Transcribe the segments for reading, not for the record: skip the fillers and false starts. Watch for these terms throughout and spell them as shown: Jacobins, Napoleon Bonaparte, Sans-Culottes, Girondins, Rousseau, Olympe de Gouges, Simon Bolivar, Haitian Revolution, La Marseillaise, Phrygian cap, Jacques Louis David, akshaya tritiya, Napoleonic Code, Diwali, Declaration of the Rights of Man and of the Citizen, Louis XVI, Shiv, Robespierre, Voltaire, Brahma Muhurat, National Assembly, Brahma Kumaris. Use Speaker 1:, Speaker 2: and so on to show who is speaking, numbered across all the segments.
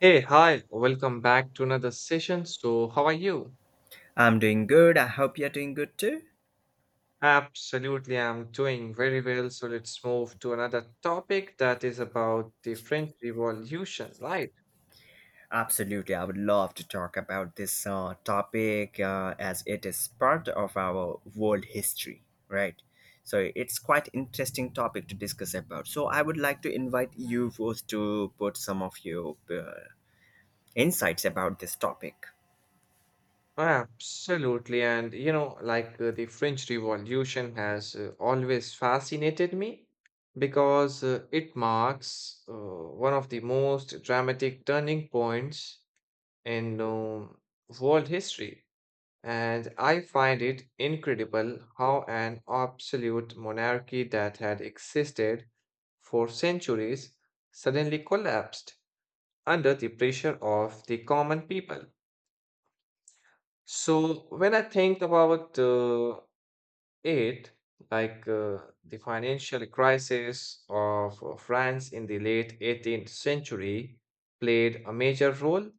Speaker 1: Hey, hi, welcome back to another session. So, how are you?
Speaker 2: I'm doing good. I hope you're doing good too.
Speaker 1: Absolutely, I'm doing very well. So, let's move to another topic that is about the French Revolution, right?
Speaker 2: Absolutely. I would love to talk about this topic as it is part of our world history, right? So it's quite interesting topic to discuss about. So I would like to invite you first to put some of your insights about this topic.
Speaker 1: Absolutely. And, you know, like the French Revolution has always fascinated me because it marks one of the most dramatic turning points in world history. And I find it incredible how an absolute monarchy that had existed for centuries suddenly collapsed under the pressure of the common people. So, when I think about it, like the financial crisis of France in the late 18th century played a major role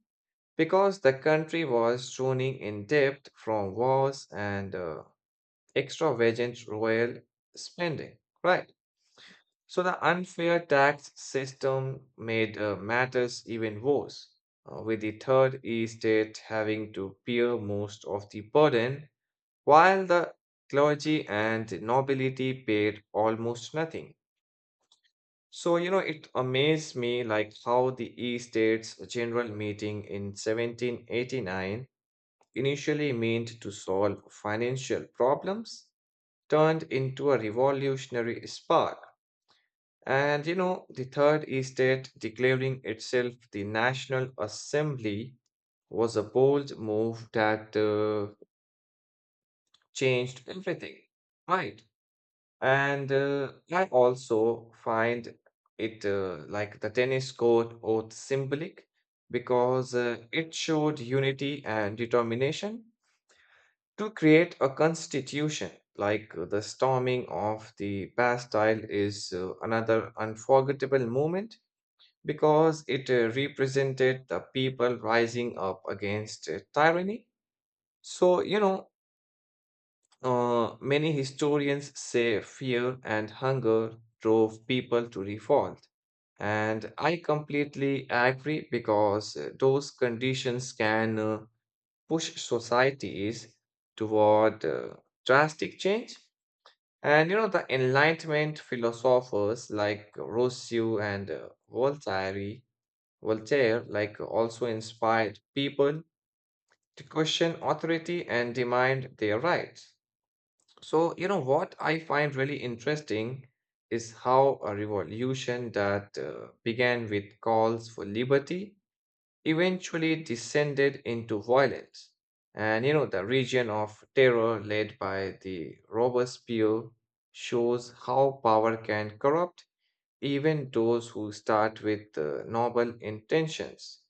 Speaker 1: because the country was drowning in debt from wars and extravagant royal spending, right? So the unfair tax system made matters even worse, with the third estate having to bear most of the burden, while the clergy and nobility paid almost nothing. So, you know, it amazed me like how the estate's general meeting in 1789, initially meant to solve financial problems, turned into a revolutionary spark. And you know, the third estate declaring itself the National Assembly was a bold move that changed everything, right? And I also find it like the tennis court oath symbolic because it showed unity and determination to create a constitution. Like the storming of the Bastille is another unforgettable moment because it represented the people rising up against tyranny. So you know, many historians say fear and hunger drove people to revolt, and I completely agree because those conditions can push societies toward drastic change. And you know, the Enlightenment philosophers like Rousseau and Voltaire, like also inspired people to question authority and demand their rights. So, you know, what I find really interesting is how a revolution that began with calls for liberty eventually descended into violence. And you know, the region of terror led by the Robespierre shows how power can corrupt even those who start with noble intentions.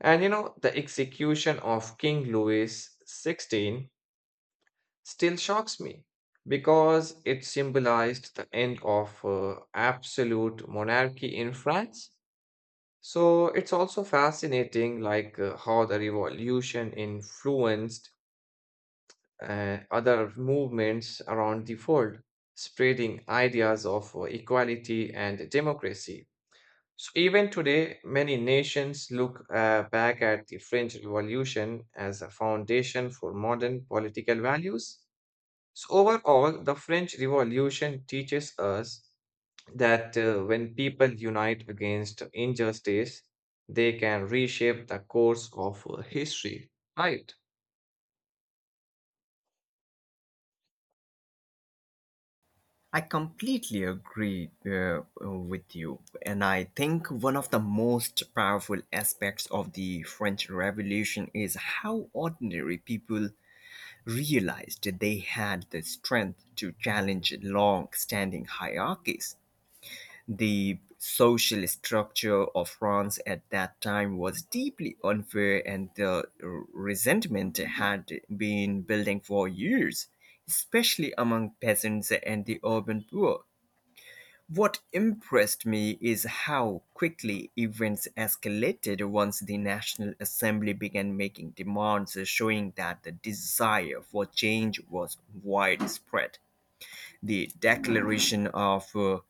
Speaker 1: And you know, the execution of King Louis XVI still shocks me because it symbolized the end of absolute monarchy in France. So it's also fascinating, like how the revolution influenced other movements around the world, spreading ideas of equality and democracy. So even today, many nations look back at the French Revolution as a foundation for modern political values. So overall, the French Revolution teaches us that when people unite against injustice, they can reshape the course of history. Right.
Speaker 2: I completely agree with you. And I think one of the most powerful aspects of the French Revolution is how ordinary people realized they had the strength to challenge long standing hierarchies. The social structure of France at that time was deeply unfair, and the resentment had been building for years, especially among peasants and the urban poor. What impressed me is how quickly events escalated once the National Assembly began making demands, showing that the desire for change was widespread. The Declaration of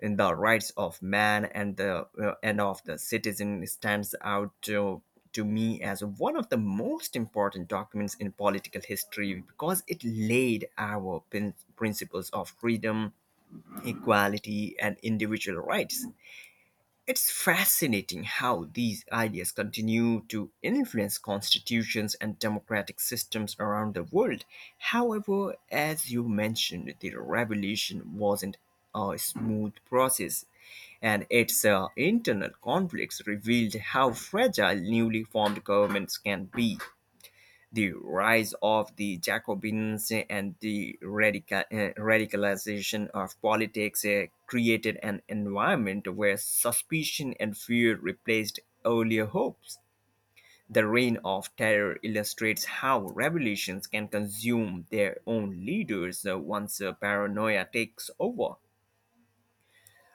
Speaker 2: the Rights of Man and the and of the Citizen stands out to me as one of the most important documents in political history because it laid our principles of freedom, equality, and individual rights. It's fascinating how these ideas continue to influence constitutions and democratic systems around the world. However, as you mentioned, the revolution wasn't a smooth process, and its internal conflicts revealed how fragile newly formed governments can be the rise of the Jacobins and the radicalization of politics created an environment where suspicion and fear replaced earlier hopes. The reign of terror illustrates how revolutions can consume their own leaders once paranoia takes over.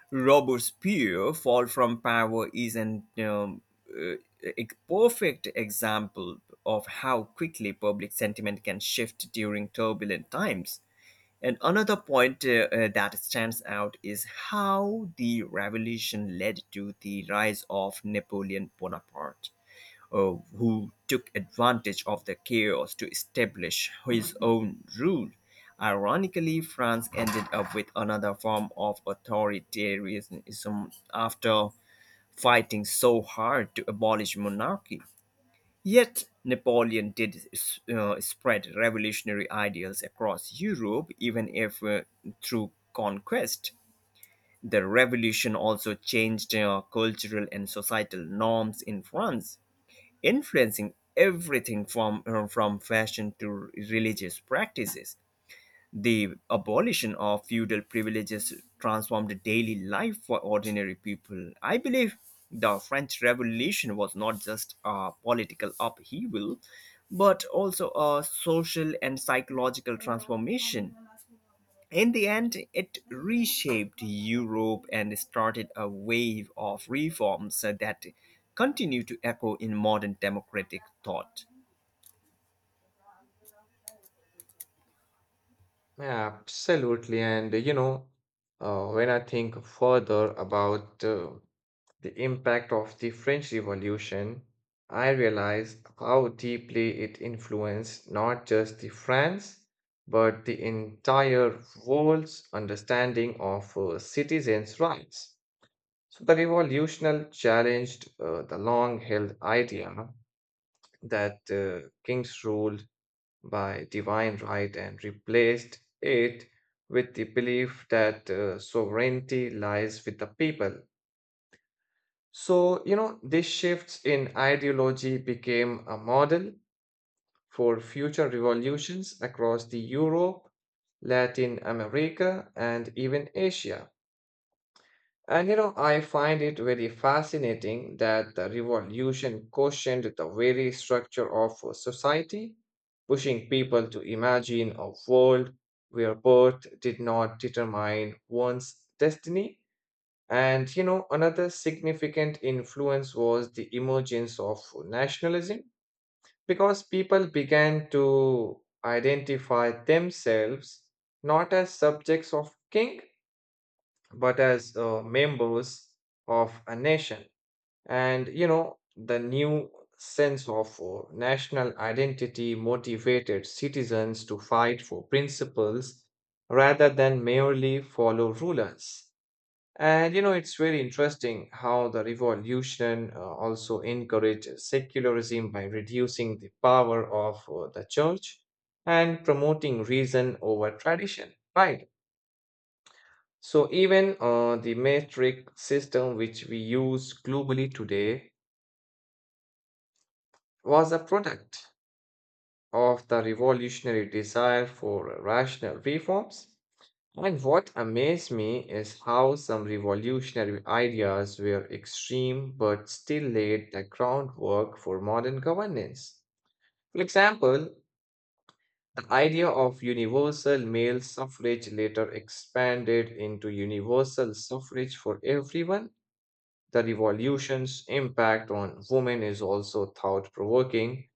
Speaker 2: Robespierre fall from power is an uh, a perfect example of how quickly public sentiment can shift during turbulent times. And another point that stands out is how the revolution led to the rise of Napoleon Bonaparte who took advantage of the chaos to establish his own rule. Ironically, France ended up with another form of authoritarianism after fighting so hard to abolish monarchy. Yet, Napoleon did spread revolutionary ideals across Europe, even if through conquest. The revolution also changed cultural and societal norms in France, influencing everything from fashion to religious practices. The abolition of feudal privileges transformed daily life for ordinary people. I believe the French Revolution was not just a political upheaval, but also a social and psychological transformation. In the end, it reshaped Europe and started a wave of reforms that continue to echo in modern democratic thought.
Speaker 1: Yeah, absolutely. And you know, when I think further about the impact of the French Revolution, I realize how deeply it influenced not just the France, but the entire world's understanding of citizens' rights. So the revolutional challenged the long-held idea that kings ruled by divine right and replaced it with the belief that sovereignty lies with the people. So, you know, these shifts in ideology became a model for future revolutions across the Europe, Latin America, and even Asia. And you know, I find it very fascinating that the revolution questioned the very structure of a society, pushing people to imagine a world where birth did not determine one's destiny. And you know, another significant influence was the emergence of nationalism because people began to identify themselves not as subjects of king but as members of a nation. And you know, the new sense of national identity motivated citizens to fight for principles rather than merely follow rulers. And you know, it's very interesting how the revolution also encouraged secularism by reducing the power of the church and promoting reason over tradition, right? So even the metric system which we use globally today was a product of the revolutionary desire for rational reforms. And what amazed me is how some revolutionary ideas were extreme but still laid the groundwork for modern governance. For example, the idea of universal male suffrage later expanded into universal suffrage for everyone. The revolution's impact on women is also thought provoking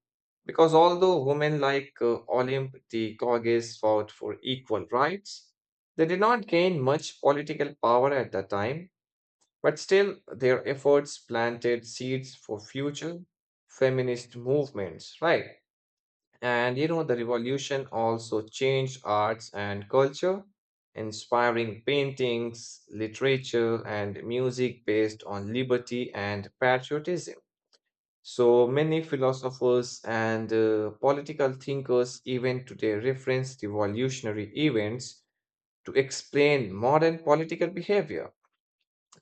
Speaker 1: because although women like Olympe de Gouges fought for equal rights, they did not gain much political power at the time, but still their efforts planted seeds for future feminist movements, right? And you know, the revolution also changed arts and culture, inspiring paintings, literature, and music based on liberty and patriotism. So many philosophers and political thinkers, even today, reference revolutionary events to explain modern political behavior.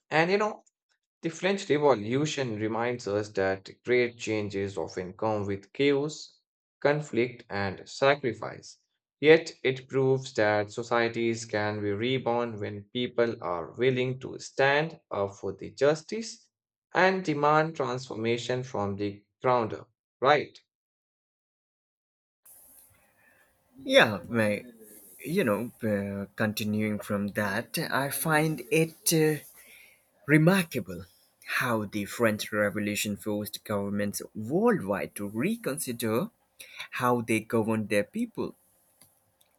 Speaker 1: And you know, the French Revolution reminds us that great changes often come with chaos, conflict, and sacrifice. Yet it proves that societies can be reborn when people are willing to stand up for the justice and demand transformation from the ground up. Right.
Speaker 2: Yeah, my, Continuing from that, I find it remarkable how the French Revolution forced governments worldwide to reconsider how they governed their people.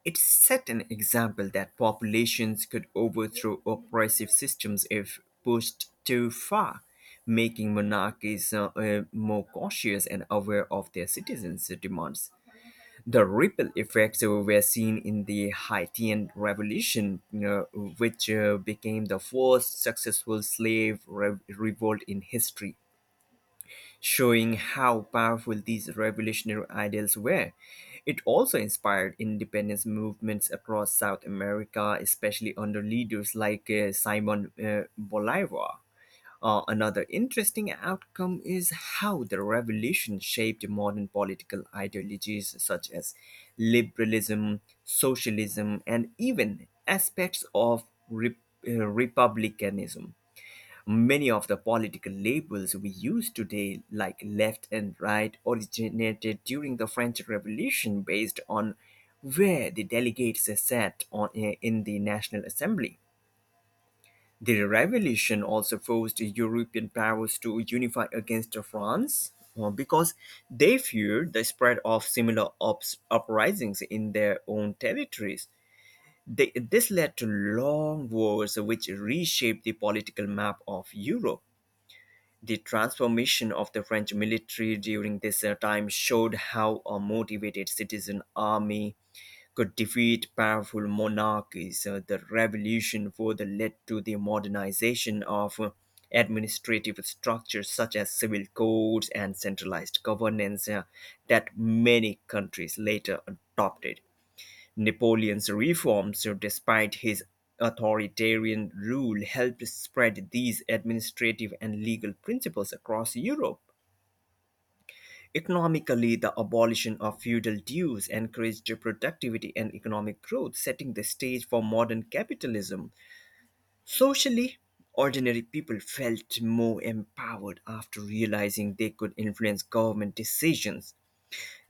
Speaker 2: It set an example that populations could overthrow oppressive systems if pushed too far, making monarchies more cautious and aware of their citizens' demands. The ripple effects were seen in the Haitian Revolution, which became the first successful revolt in history showing how powerful these revolutionary ideals were. It also inspired independence movements across South America, especially under leaders like Simon Bolivar. Another interesting outcome is how the revolution shaped modern political ideologies such as liberalism, socialism, and even aspects of republicanism. Many of the political labels we use today, like left and right, originated during the French Revolution based on where the delegates sat in the National Assembly. The revolution also forced European powers to unify against France because they feared the spread of similar uprisings in their own territories. This led to long wars which reshaped the political map of Europe. The transformation of the French military during this time showed how a motivated citizen army could defeat powerful monarchies. The revolution further led to the modernization of administrative structures such as civil codes and centralized governance that many countries later adopted. Napoleon's reforms, so despite his authoritarian rule, helped spread these administrative and legal principles across Europe. Economically, the abolition of feudal dues encouraged productivity and economic growth, setting the stage for modern capitalism. Socially, ordinary people felt more empowered after realizing they could influence government decisions.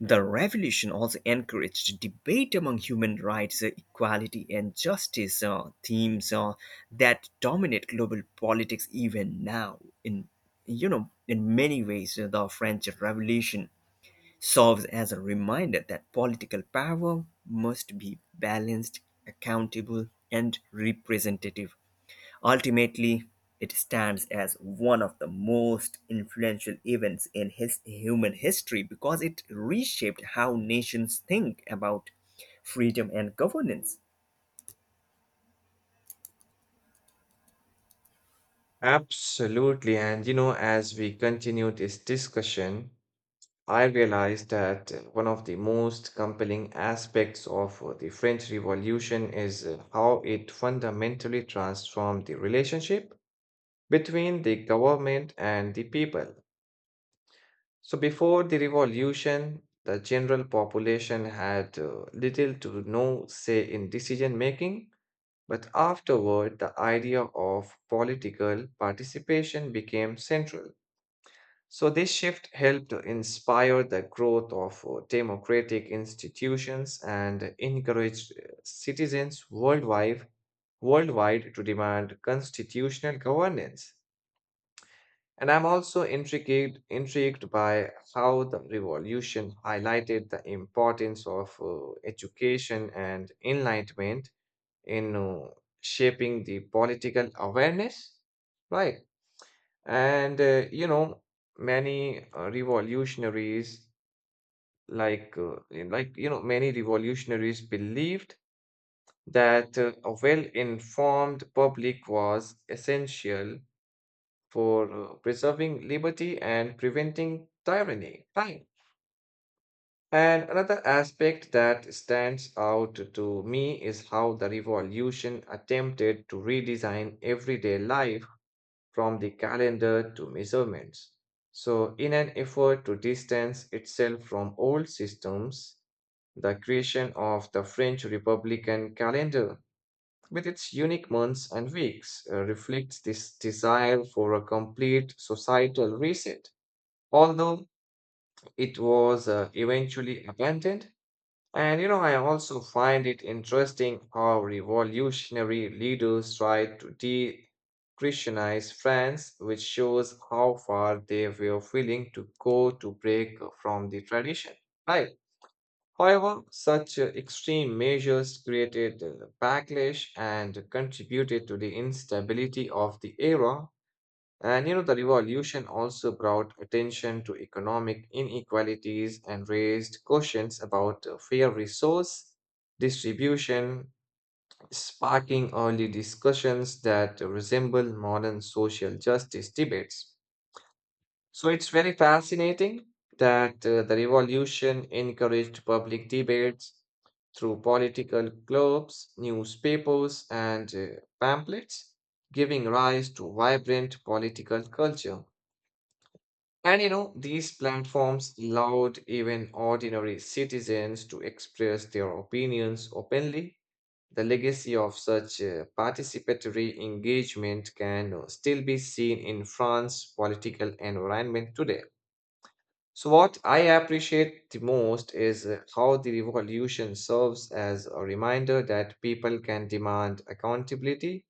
Speaker 2: The revolution also encouraged debate among human rights, equality, and justice, themes that dominate global politics even now. In many ways, the French Revolution serves as a reminder that political power must be balanced, accountable, and representative. Ultimately, it stands as one of the most influential events in his human history because it reshaped how nations think about freedom and governance.
Speaker 1: Absolutely. And you know, as we continue this discussion, I realized that one of the most compelling aspects of the French Revolution is how it fundamentally transformed the relationship between the government and the people. So, before the revolution, the general population had little to no say in decision making, but afterward, the idea of political participation became central. So, this shift helped inspire the growth of democratic institutions and encouraged citizens worldwide to demand constitutional governance. And I'm also intrigued by how the revolution highlighted the importance of education and enlightenment in shaping the political awareness, right? And you know, many revolutionaries, like many revolutionaries believed that a well-informed public was essential for preserving liberty and preventing tyranny. Right. And another aspect that stands out to me is how the revolution attempted to redesign everyday life from the calendar to measurements. So, in an effort to distance itself from old systems, the creation of the French Republican calendar, with its unique months and weeks, reflects this desire for a complete societal reset. Although it was eventually abandoned, and you know, I also find it interesting how revolutionary leaders tried to de Christianize France, which shows how far they were willing to go to break from the tradition. Right. However, such extreme measures created backlash and contributed to the instability of the era. And you know, the revolution also brought attention to economic inequalities and raised questions about fair resource distribution, sparking early discussions that resemble modern social justice debates. So it's very fascinating that the revolution encouraged public debates through political clubs, newspapers, and pamphlets, giving rise to vibrant political culture. And you know, these platforms allowed even ordinary citizens to express their opinions openly. The legacy of such participatory engagement can still be seen in France's political environment today. So, what I appreciate the most is how the revolution serves as a reminder that people can demand accountability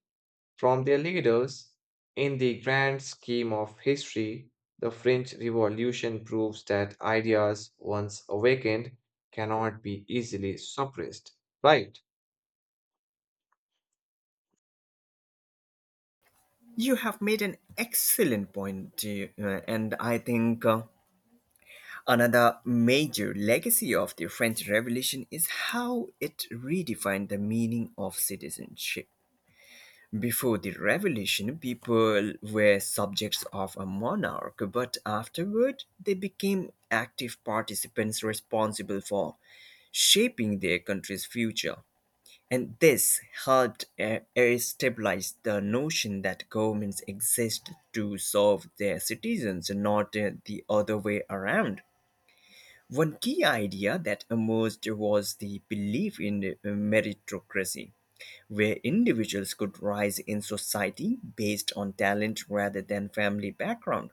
Speaker 1: from their leaders. In the grand scheme of history, the French Revolution proves that ideas once awakened cannot be easily suppressed. Right?
Speaker 2: You have made an excellent point, and I think another major legacy of the French Revolution is how it redefined the meaning of citizenship. Before the revolution, people were subjects of a monarch, but afterward they became active participants responsible for shaping their country's future. And this helped stabilize the notion that governments exist to serve their citizens, not the other way around. One key idea that emerged was the belief in meritocracy where individuals could rise in society based on talent rather than family background.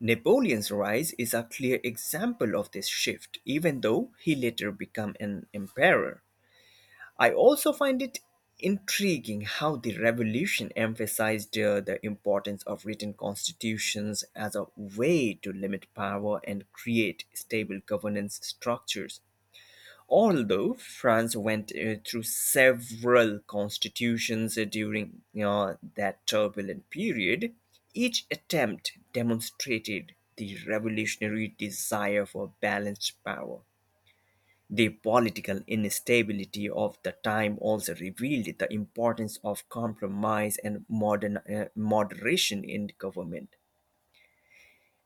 Speaker 2: Napoleon's rise is a clear example of this shift, even though he later became an emperor. I also find it intriguing how the revolution emphasized the importance of written constitutions as a way to limit power and create stable governance structures. Although France went through several constitutions during that turbulent period, each attempt demonstrated the revolutionary desire for balanced power. The political instability of the time also revealed the importance of compromise and moderation in government.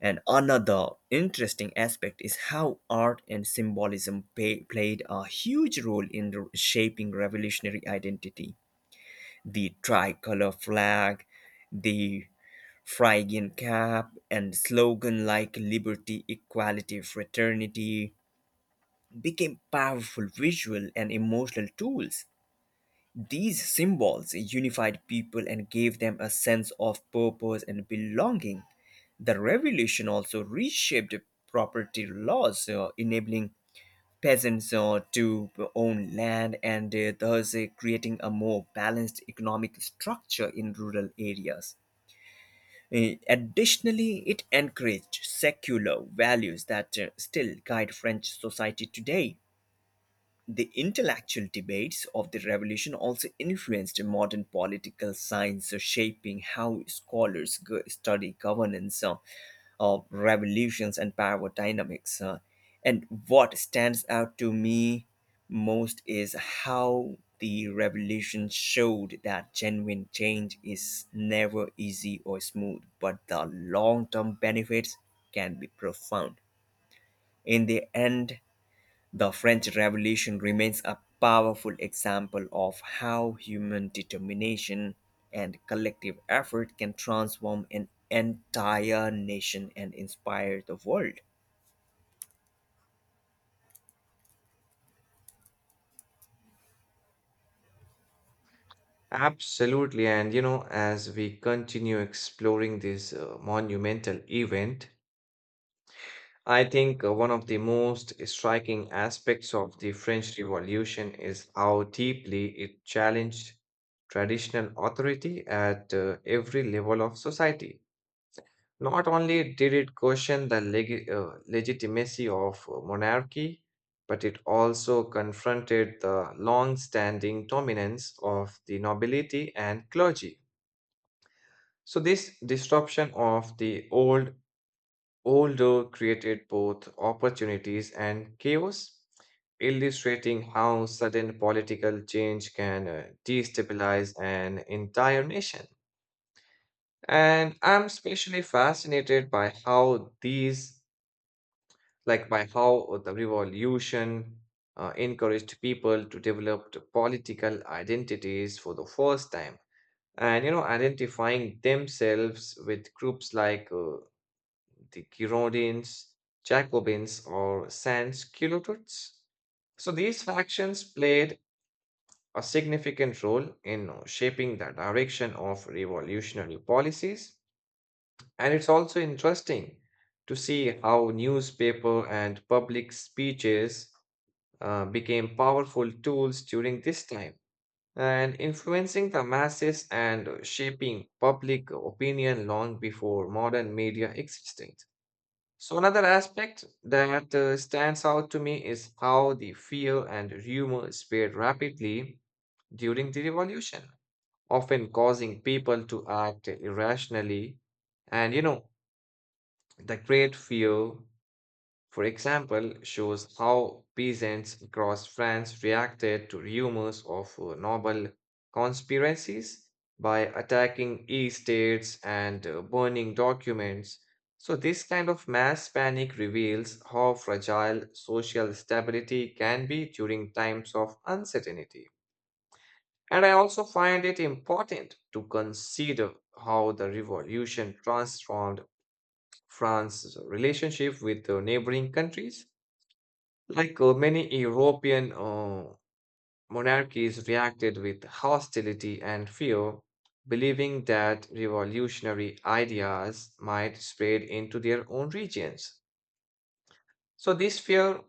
Speaker 2: And another interesting aspect is how art and symbolism played a huge role in shaping revolutionary identity. The tricolor flag, the Phrygian cap, and slogan like liberty, equality, fraternity became powerful visual and emotional tools. These symbols unified people and gave them a sense of purpose and belonging. The revolution also reshaped property laws, enabling peasants to own land and thus creating a more balanced economic structure in rural areas. Additionally, it encouraged secular values that still guide French society today. The intellectual debates of the revolution also influenced modern political science, shaping how scholars study governance of revolutions and power dynamics. And what stands out to me most is how the revolution showed that genuine change is never easy or smooth, but the long term benefits can be profound. In the end, the French Revolution remains a powerful example of how human determination and collective effort can transform an entire nation and inspire the world.
Speaker 1: Absolutely. And you know, as we continue exploring this monumental event, I think one of the most striking aspects of the French Revolution is how deeply it challenged traditional authority at every level of society. Not only did it question the legitimacy of monarchy, but it also confronted the long standing dominance of the nobility and clergy. So, this disruption of the old order created both opportunities and chaos, illustrating how sudden political change can destabilize an entire nation. And I'm especially fascinated by how these like by how the revolution encouraged people to develop the political identities for the first time, and you know, identifying themselves with groups like the Girondins, Jacobins, or Sans-Culottes. So these factions played a significant role in shaping the direction of revolutionary policies. And it's also interesting to see how newspaper and public speeches became powerful tools during this time, and influencing the masses and shaping public opinion long before modern media existed. So, another aspect that stands out to me is how the fear and rumor spread rapidly during the revolution, often causing people to act irrationally. And you know, the great fear, for example, shows how peasants across France reacted to rumors of noble conspiracies by attacking estates and burning documents. So, this kind of mass panic reveals how fragile social stability can be during times of uncertainty. And I also find it important to consider how the revolution transformed France's relationship with the neighboring countries. Like many European monarchies reacted with hostility and fear, believing that revolutionary ideas might spread into their own regions. So, this fear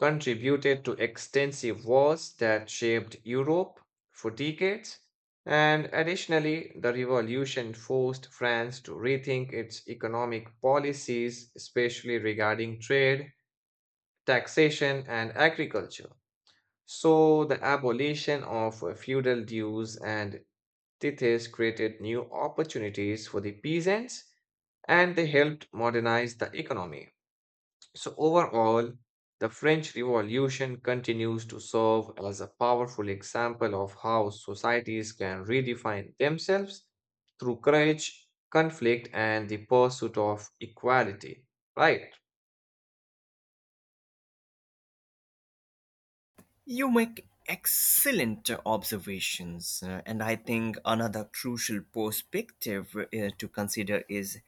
Speaker 1: contributed to extensive wars that shaped Europe for decades. And additionally, the revolution forced France to rethink its economic policies, especially regarding trade, taxation, and agriculture. So, the abolition of feudal dues and tithes created new opportunities for the peasants and they helped modernize the economy. So, overall, the French Revolution continues to serve as a powerful example of how societies can redefine themselves through courage, conflict, and the pursuit of equality. Right?
Speaker 2: You make excellent observations, and I think another crucial perspective to consider is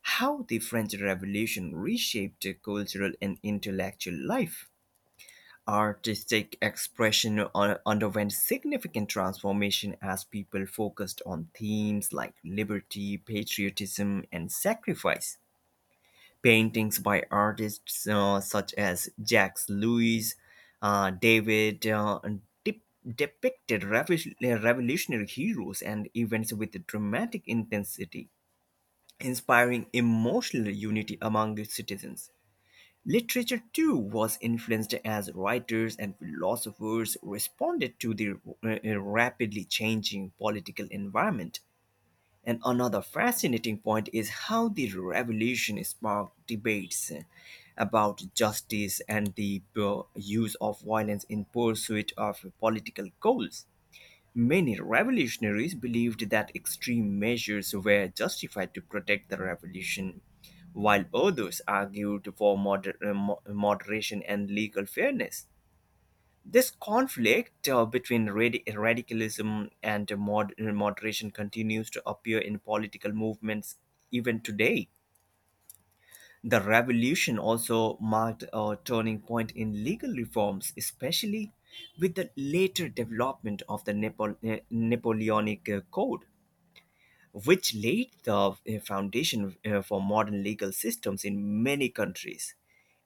Speaker 2: how the French Revolution reshaped cultural and intellectual life. Artistic expression underwent significant transformation as people focused on themes like liberty, patriotism, and sacrifice. Paintings by artists such as Jacques Louis David depicted revolutionary heroes and events with dramatic intensity, inspiring emotional unity among the citizens. Literature too was influenced as writers and philosophers responded to the rapidly changing political environment. And another fascinating point is how the revolution sparked debates about justice and the use of violence in pursuit of political goals. Many revolutionaries believed that extreme measures were justified to protect the revolution, while others argued for moderation and legal fairness. This conflict between radicalism and moderation continues to appear in political movements even today. The revolution also marked a turning point in legal reforms, especially with the later development of the Napoleonic Code, which laid the foundation for modern legal systems in many countries.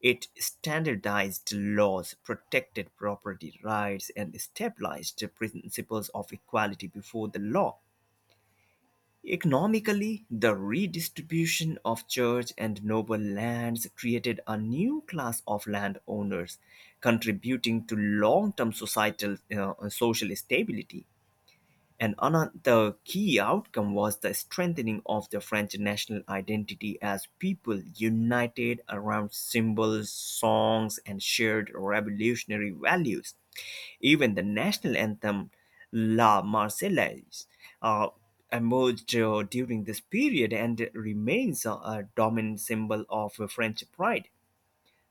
Speaker 2: It standardized laws, protected property rights, and stabilized the principles of equality before the law. Economically, the redistribution of church and noble lands created a new class of landowners, contributing to long term societal social stability. And another key outcome was the strengthening of the French national identity as people united around symbols, songs, and shared revolutionary values. Even the national anthem La Marseillaise uh, emerged during this period and remains a dominant symbol of French pride.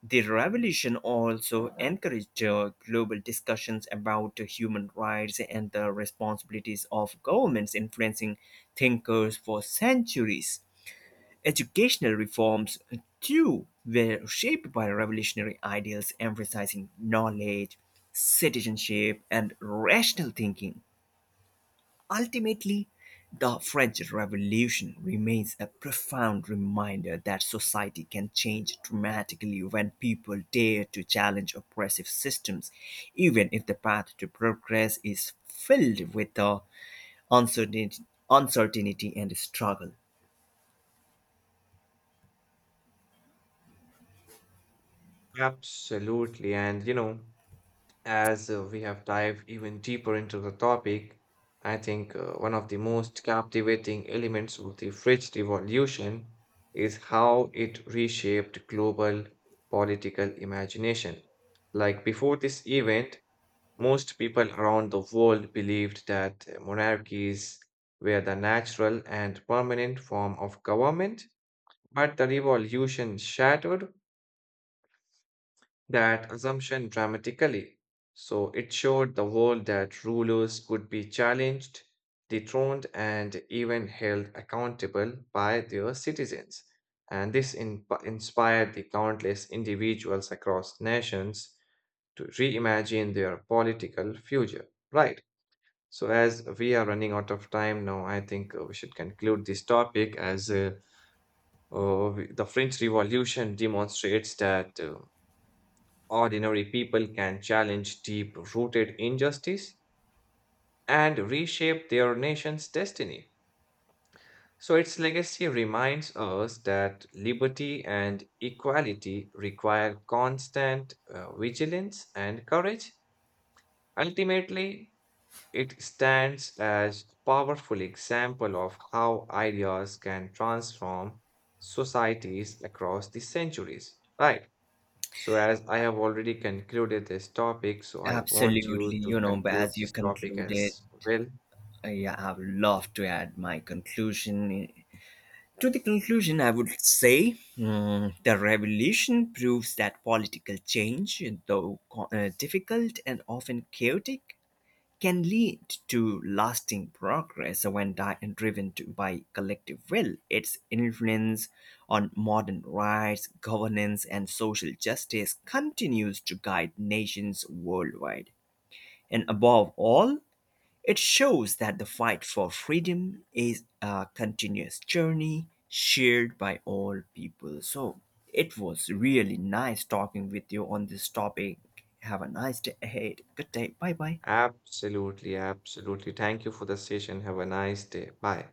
Speaker 2: The revolution also encouraged global discussions about human rights and the responsibilities of governments influencing thinkers for centuries. Educational reforms, too, were shaped by revolutionary ideals emphasizing knowledge, citizenship, and rational thinking. Ultimately, the French Revolution remains a profound reminder that society can change dramatically when people dare to challenge oppressive systems, even if the path to progress is filled with uncertainty, uncertainty and struggle.
Speaker 1: Absolutely. And you know, as we have dived even deeper into the topic, I think one of the most captivating elements of the French Revolution is how it reshaped global political imagination. Like before this event, most people around the world believed that monarchies were the natural and permanent form of government, but the revolution shattered that assumption dramatically. So it showed the world that rulers could be challenged, dethroned, and even held accountable by their citizens. And this inspired the countless individuals across nations to reimagine their political future. Right. So, as we are running out of time now, I think we should conclude this topic, as the French Revolution demonstrates that ordinary people can challenge deep rooted injustice and reshape their nation's destiny. So, its legacy reminds us that liberty and equality require constant vigilance and courage. Ultimately, it stands as a powerful example of how ideas can transform societies across the centuries. Right. So, as I have already concluded this topic, so I want
Speaker 2: Absolutely,
Speaker 1: you to
Speaker 2: you know, but
Speaker 1: conclude
Speaker 2: as you
Speaker 1: this topic
Speaker 2: concluded,
Speaker 1: as well.
Speaker 2: I have loved to add my conclusion To the conclusion, I would say the revolution proves that political change, though difficult and often chaotic, can lead to lasting progress when driven by collective will. Its influence on modern rights, governance, and social justice continues to guide nations worldwide. And above all, it shows that the fight for freedom is a continuous journey shared by all people. So it was really nice talking with you on this topic. Have a nice day ahead. Good day. Bye bye.
Speaker 1: Absolutely, absolutely. Thank you for the session. Have a nice day. Bye.